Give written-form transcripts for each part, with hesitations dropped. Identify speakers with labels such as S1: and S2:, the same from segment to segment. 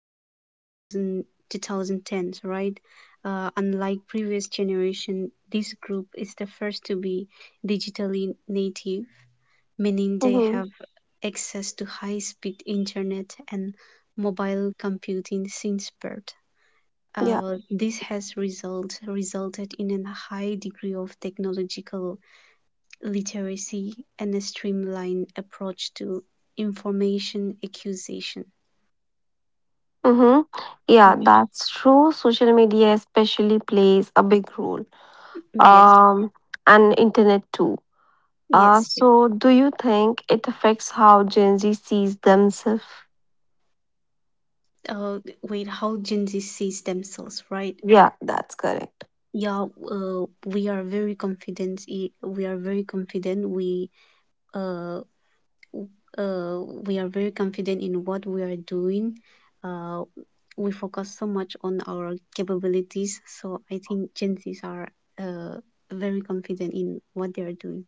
S1: Early 2000 2010s, right? unlike previous generation, this group is the first to be digitally native, meaning they
S2: Mm-hmm.
S1: have access to high speed internet and mobile computing since birth.
S2: Yeah.
S1: This has resulted in a high degree of technological literacy and a streamlined approach to information acquisition.
S2: Mm-hmm. Yeah, that's true. Social media especially plays a big role.
S1: Yes,
S2: Um, and internet too. Uh,
S1: yes.
S2: so do you think it affects how Gen Z sees themselves?
S1: Uh, Wait, how Gen Z sees themselves, right?
S2: Yeah, that's correct.
S1: Yeah, we are very confident. We are very confident. Uh, uh, we are very confident in what we are doing. Uh, we focus so much on our capabilities. So I think Gen Zs are uh, very confident in what they are doing.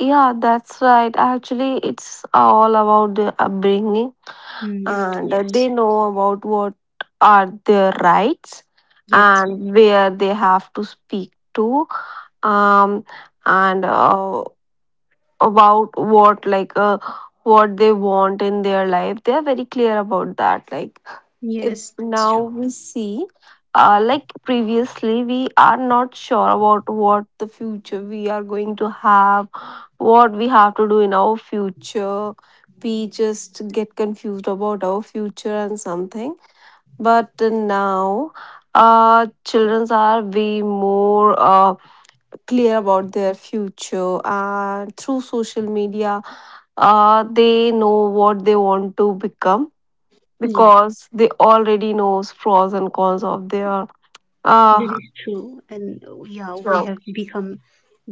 S2: Yeah, that's right. Actually, it's all about their upbringing
S1: Mm,
S2: and
S1: yes.
S2: they know about what are their rights
S1: Yes, yes,
S2: and where they have to speak to um and about what like what they want in their life. They are very clear about that. Like if
S1: yes, it's
S2: now
S1: true.
S2: we see like previously we are not sure about what the future we are going to have, what we have to do in our future. We just get confused about our future and something, but now children are way more clear about their future, and through social media they know what they want to become,
S1: Yes,
S2: because they already knows pros and cons of their
S1: that
S2: uh
S1: is true. And yeah, we
S2: job.
S1: have become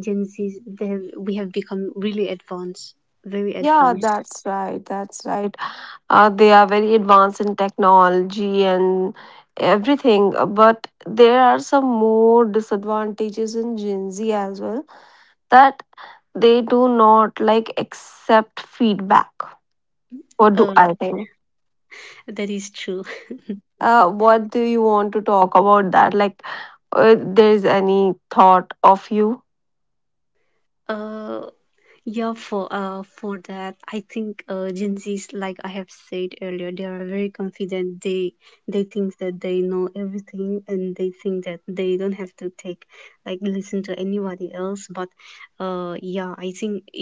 S1: Gen Zs, they have, we have become really advanced, very
S2: Yeah,
S1: advanced.
S2: that's right. That's right. They are very advanced in technology and everything. But there are some more disadvantages in Gen Z as well, that they do not like accept feedback. What do
S1: Uh,
S2: I think?
S1: that is true.
S2: What do you want to talk about that? Like, there is any thought of you?
S1: Uh, Yeah, for for that, I think Gen Zs, like I have said earlier, they are very confident. They think that they know everything, and they think that they don't have to take, like, listen to anybody else. But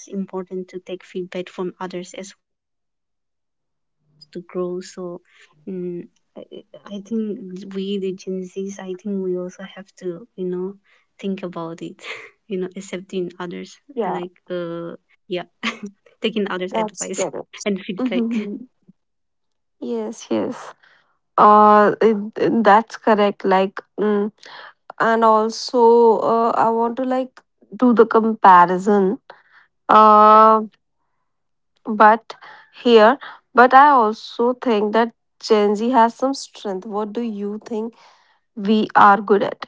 S1: uh, yeah, I think it's important to take feedback from others as well to grow. So, um, I, I think we the Gen Zs, I think we also have to, you know, think about it, you know, accepting others, like
S2: Yeah,
S1: yeah. Taking others' advice
S2: that's correct.
S1: and feedback.
S2: Mm-hmm. Yes, yes. That's correct. Like, mm, and also, I want to like do the comparison. Uh, but here, but I also think that Gen Z has some strength. What do you think we are good at?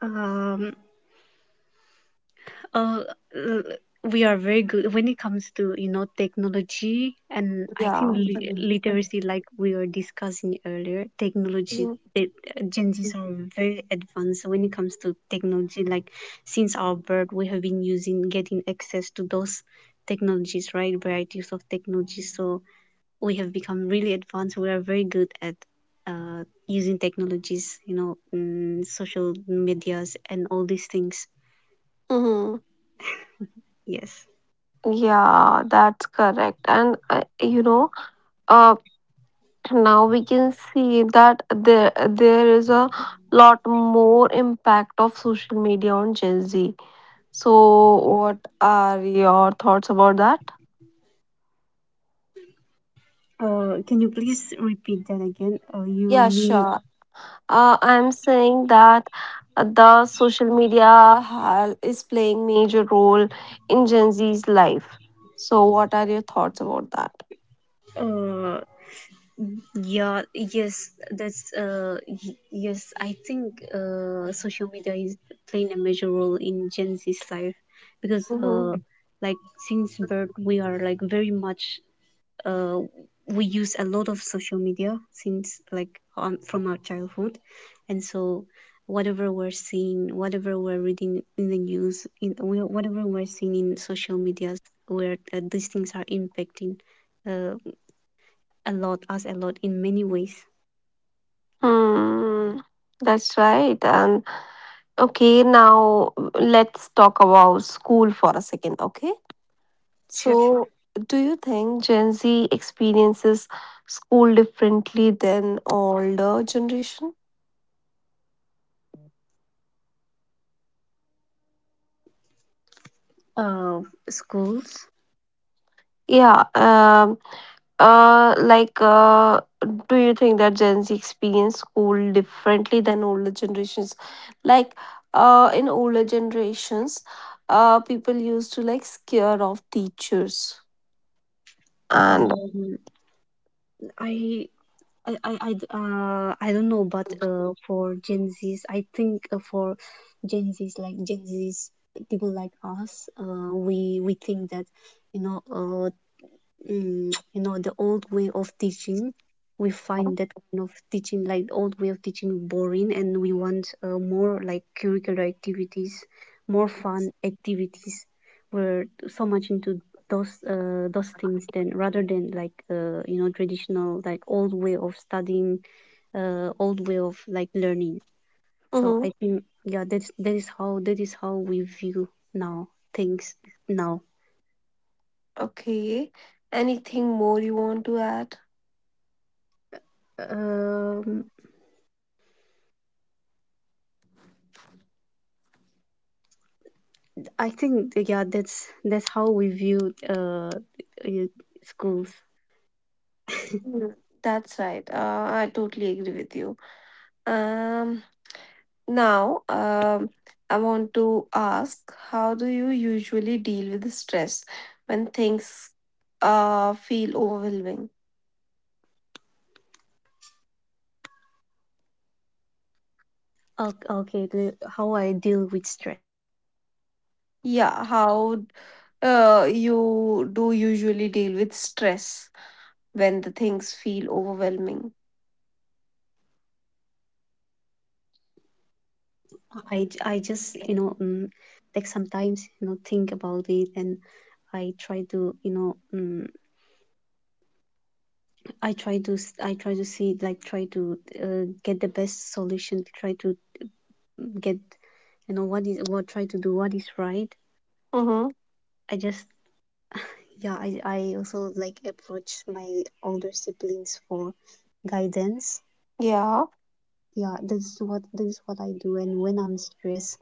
S1: Um, uh, l- we are very good when it comes to, you know, technology, and I
S2: Yeah.
S1: think
S2: Mm-hmm.
S1: literacy, like we were discussing earlier, technology. It, Gen Zs are very advanced when it comes to technology. Like since our birth, we have been using, getting access to those technologies, right? Varieties of technologies. So we have become really advanced. We are very good at using technologies, you know, mm, social medias and all these things.
S2: Mm-hmm.
S1: Yes.
S2: Yeah, that's correct. And you know, uh, now we can see that there is a lot more impact of social media on Gen Z, so what are your thoughts about that?
S1: Can you please repeat that again? You
S2: Yeah,
S1: mean
S2: sure. I'm saying that the social media is playing major role in Gen Z's life, so what are your thoughts about that?
S1: uh, yeah, yes, that's yes. I think social media is playing a major role in Gen Z's life, because
S2: Mhm.
S1: like, since birth, we are like very much, uh, we use a lot of social media since, like, from our childhood, and so whatever we're seeing, whatever we're reading in the news, whatever we're seeing in social media, where these things are impacting, uh, a lot us a lot in many ways.
S2: Hmm, that's right. And okay, now let's talk about school for a second, okay? So, do you think Gen
S1: Sure,
S2: Z experiences school differently than older generation?
S1: sure. Schools.
S2: Yeah, uh, like, uh, do you think that Gen Z experience school differently than older generations? Like, in older generations, people used to like scare off teachers. And
S1: um, i I don't know, but for Gen Zs, I think for Gen Zs, people like us, we think that, you know, you know, the old way of teaching, we find that kind of teaching, like old way of teaching, boring, and we want more like curricular activities, more fun activities. We're so much into those things, then, rather than, like, you know, traditional like old way of studying, old way of, like, learning. So I
S2: Mhm.
S1: think, yeah, that is how, that is how we view now things now.
S2: Okay, anything more you want to add?
S1: um I think, yeah, that's how we view uh, schools.
S2: Mm. That's right. I totally agree with you. Um, now, um, I want to ask, how do you usually deal with stress when things feel overwhelming?
S1: Okay, how I deal with stress.
S2: Yeah, how you do usually deal with stress when the things feel overwhelming?
S1: I just, you know, take some times, you know, think about it, and I try to, you know, I try to see, like try to get the best solution. Try to get, you know, what is what, try to do what is right.
S2: Mm-hmm.
S1: I just, yeah, I also like approach my older siblings for guidance.
S2: Yeah.
S1: Yeah, that is what I do. And when I'm stressed,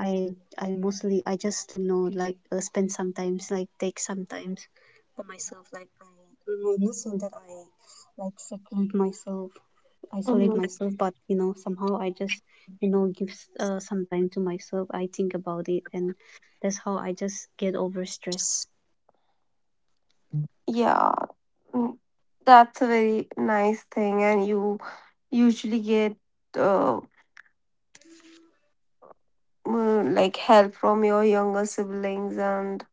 S1: I I mostly I just, you know, like, spend sometimes, like take sometimes for myself. Like, I'm not saying that I, like, seclude myself, isolate
S2: Mm-hmm.
S1: myself, but, you know, somehow I just, you know, give some time to myself. I think about it, and that's how I just get over stress.
S2: Yeah, mm, that's a very nice thing, and you usually get uh, mm, like help from your younger siblings, and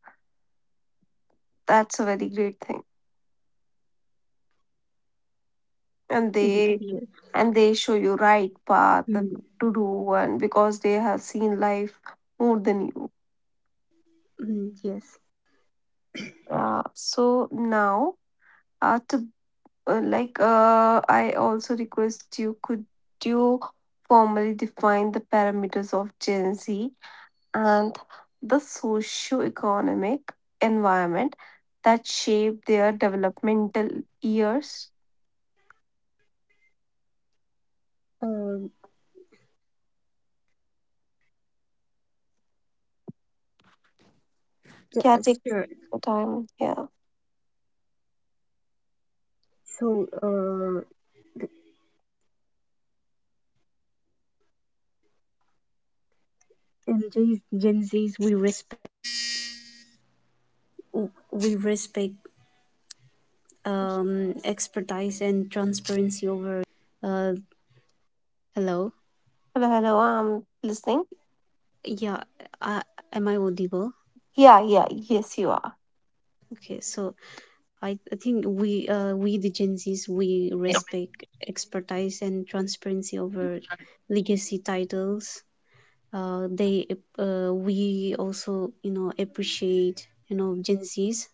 S2: that's a very great thing. And they
S1: Yeah.
S2: and they show you right path to
S1: Mm.
S2: do, and because they have seen life more than you.
S1: Mm, yes.
S2: So now, to like I also request you could you formally define the parameters of Gen Z and the socio-economic environment that shaped their developmental years.
S1: Uh,
S2: Yeah, take
S1: sure.
S2: your time. Yeah.
S1: So, in Gen Z.
S2: Hello, hello. I'm listening.
S1: Yeah, I, am I audible?
S2: Yeah, yeah. Yes, you are.
S1: Okay, so I think we the Gen Zs, we respect expertise and transparency over legacy titles. They We also, you know, appreciate, you know, Gen Zs.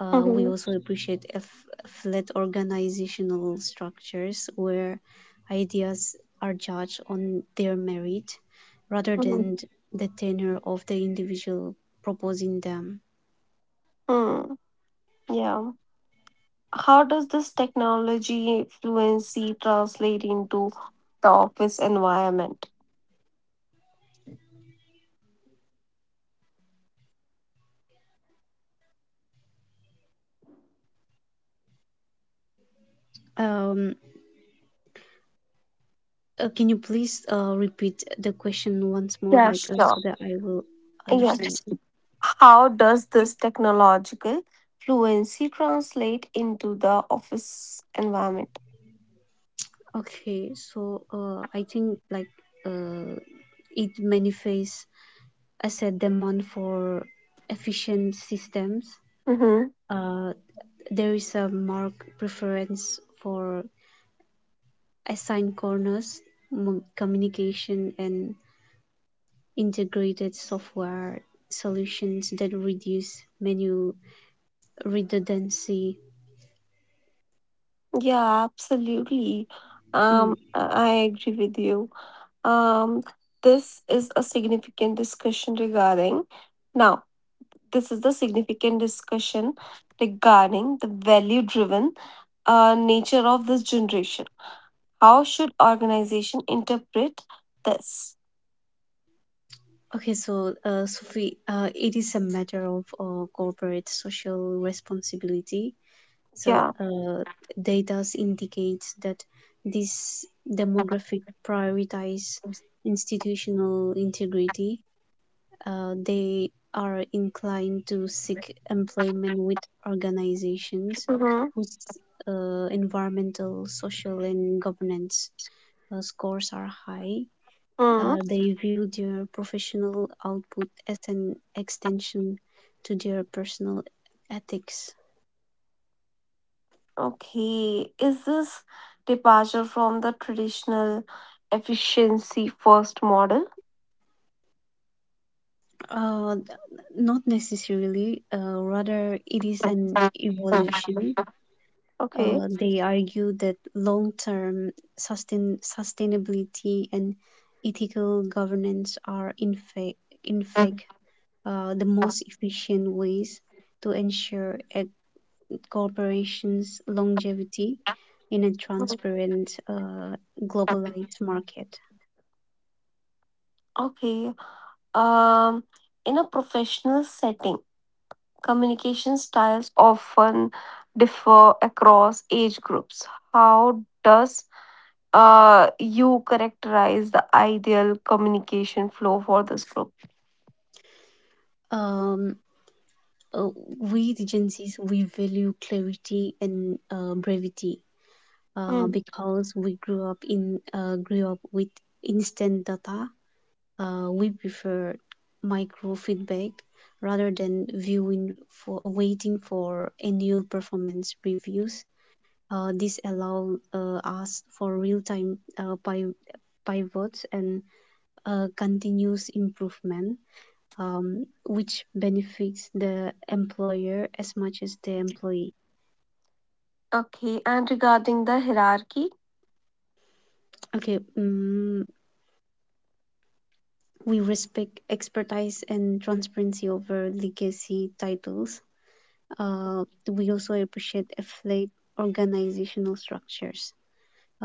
S2: Mm-hmm.
S1: We also appreciate flat organizational structures where ideas are judged on their merit rather
S2: Mm-hmm,
S1: than the tenure of the individual proposing them.
S2: hmm. Yeah. How does this technology fluency translate into the office environment?
S1: Um, can you please repeat the question once more,
S2: Yeah,
S1: like, so
S2: sure.
S1: that I will understand
S2: Yes.
S1: it?
S2: How does this technological fluency translate into the office environment?
S1: Okay, so I think, like, uh, it manifests as a demand for efficient systems.
S2: Hmm.
S1: Uh, there is a marked preference for assigned corners, communication, and integrated software solutions that reduce menu redundancy.
S2: Yeah, absolutely. I agree with you. Um, this is a significant discussion regarding. Now, this is the significant discussion regarding the value-driven nature of this generation. How should organization interpret this?
S1: Okay, so Sophie, it is a matter of corporate social responsibility. So
S2: Yeah.
S1: uh, data indicates that this demographic prioritize institutional integrity. They are inclined to seek employment with organizations whose environmental, social, and governance scores are high.
S2: Mm-hmm.
S1: They view their professional output as an extension to their personal ethics.
S2: Okay, is this departure from the traditional efficiency first model?
S1: Uh, Not necessarily, rather, it is an evolution.
S2: Okay.
S1: They argue that long term sustainability and ethical governance are, in fact, the most efficient ways to ensure a corporations' longevity in a transparent, globalized market.
S2: Okay. Um, in a professional setting, communication styles often differ across age groups. How does you characterize the ideal communication flow for this group?
S1: Um, uh, we, the Gen Zs, we value clarity and brevity,
S2: Mm.
S1: because we grew up with instant data. We prefer micro feedback rather than viewing for waiting for annual performance reviews. This allows us for real time pivots and continuous improvement, which benefits the employer as much as the employee.
S2: Okay. And regarding the hierarchy,
S1: Okay. We respect expertise and transparency over legacy titles. Uh, we also appreciate a flat organizational structures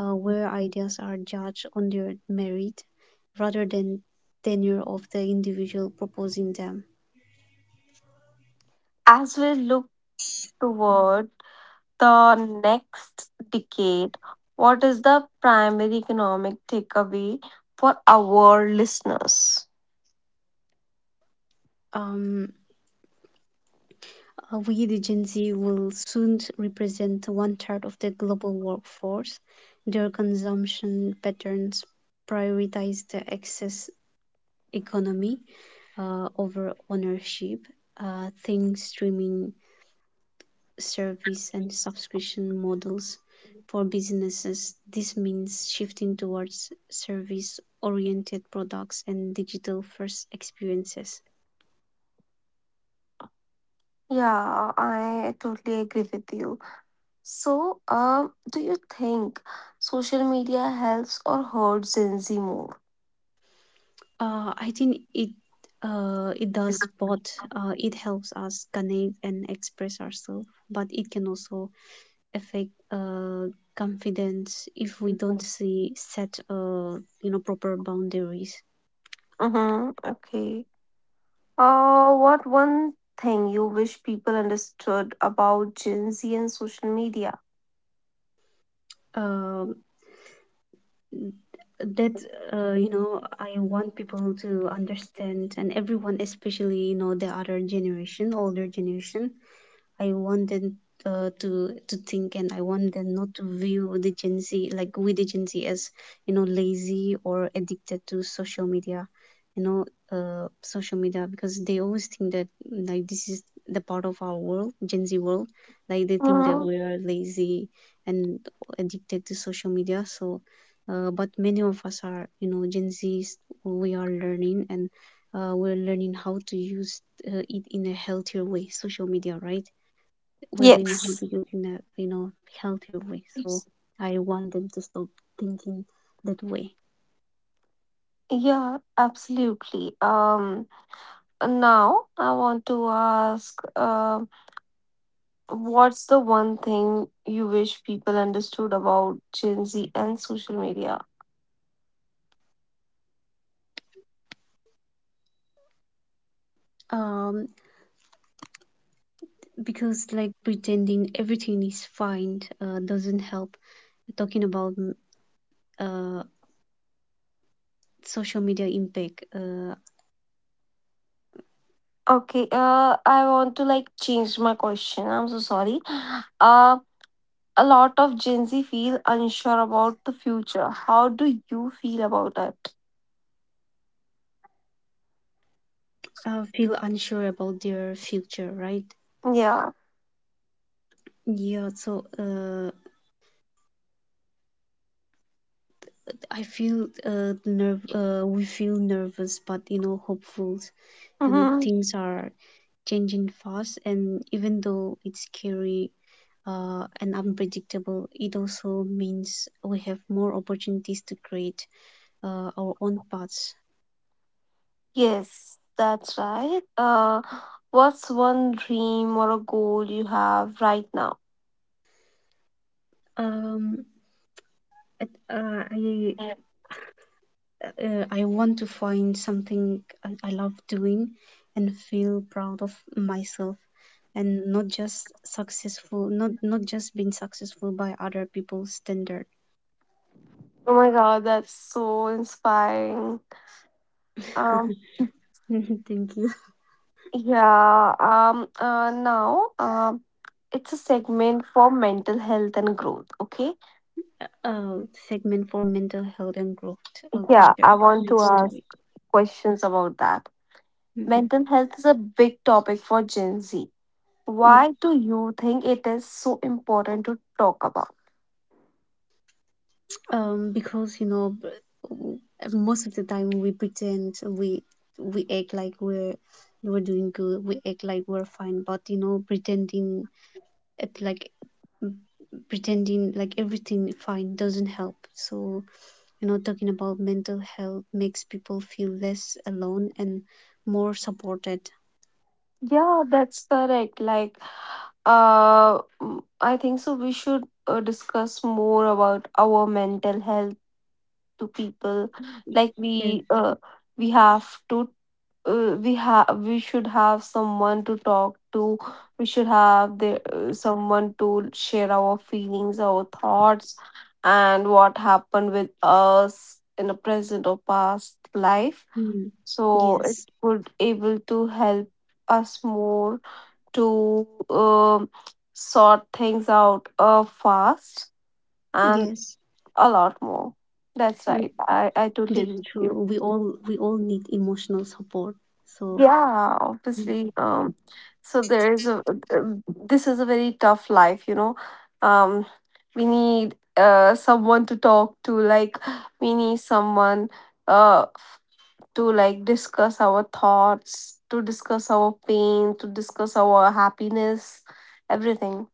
S1: where ideas are judged on their merit rather than tenure of the individual proposing them.
S2: as we look toward the next decade, what is the primary economic takeaway for our listeners?
S1: Um, we, the Gen Z, will soon represent one third of the global workforce. Their consumption patterns prioritize the excess economy, over ownership, things streaming service and subscription models. For businesses, this means shifting towards service oriented products and digital first experiences.
S2: Yeah, I totally agree with you. So, do you think social media helps or hurts Gen Z more?
S1: I think it does both. It helps us connect and express ourselves, but it can also affect confidence if we don't see set you know, proper boundaries.
S2: Mm-hmm. Okay. What one thing you wish people understood about Gen Z and social media?
S1: Uh, that You know, I want people to understand, and everyone, especially, you know, the other generation, older generation, I want them to think, and I want them not to view the Gen Z, like, with the Gen Z as, you know, lazy or addicted to social media, you know, social media because they always think that, like, this is the part of our world, Gen Z world, like they think that
S2: Mm,
S1: we are lazy and addicted to social media. So, but many of us are, you know, Gen Zs. We are learning, and we're learning how to use it in a healthier way, social media, right? We're learning how
S2: yes.
S1: to cook in a, you know, healthier way. So I want them to stop thinking that way.
S2: Yeah, absolutely. Now I want to ask, what's the one thing you wish people understood about Gen Z and social media?
S1: Um, because like pretending everything is fine doesn't help. Talking about uh, social media impact,
S2: Okay, I want to like change my question. I'm so sorry. Uh, a lot of Gen Z feel unsure about the future. How do you feel about it?
S1: I feel unsure about their future, right?
S2: Yeah.
S1: Yeah, so I feel nerve. We feel nervous, but, you know, hopeful, you know,
S2: Mm-hmm.
S1: things are changing fast, and even though it's scary and unpredictable, it also means we have more opportunities to create our own paths.
S2: Yes, that's right. What's one dream or a goal you have right now?
S1: um, it- uh, I,
S2: Oh
S1: I want to find something I love doing and feel proud of myself, and not just successful, not not just being successful by other people's standard.
S2: my god, that's so inspiring. Um,
S1: Thank you.
S2: yeah. Um, uh, now, um, it's a segment for mental health and growth. Okay.
S1: uh, Segment for mental health and growth. Oh,
S2: Yeah,
S1: sure,
S2: I want to
S1: let's do
S2: ask
S1: it.
S2: questions about that.
S1: Hmm.
S2: Mental health is a big topic for Gen Z. Why do you think it is so important to talk about?
S1: Because, you know, w- most of the time we act like we're doing good. We act like we're fine, but, you know, at like pretending like everything fine doesn't help. So, you know, talking about mental health makes people feel less alone and more supported.
S2: Yeah, that's correct. Like, mm, I think so. We should discuss more about our mental health to people. Like
S1: Yes.
S2: we have to we have we should have someone to talk to. We should have the someone to share our feelings, our thoughts, and what happened with us in the present or past life,
S1: Mm.
S2: so it
S1: Yes.
S2: could able to help us more to um, sort things out fast and
S1: Yes.
S2: a lot more. That's
S1: Mm-hmm.
S2: right. I totally agree
S1: That's
S2: with you.
S1: true. We all need emotional support. So
S2: Yeah, obviously. So there is a, this is a very tough life, you know. Um, we need someone to talk to, like we need someone uh f- to like discuss our thoughts, to discuss our pain, to discuss our happiness, everything.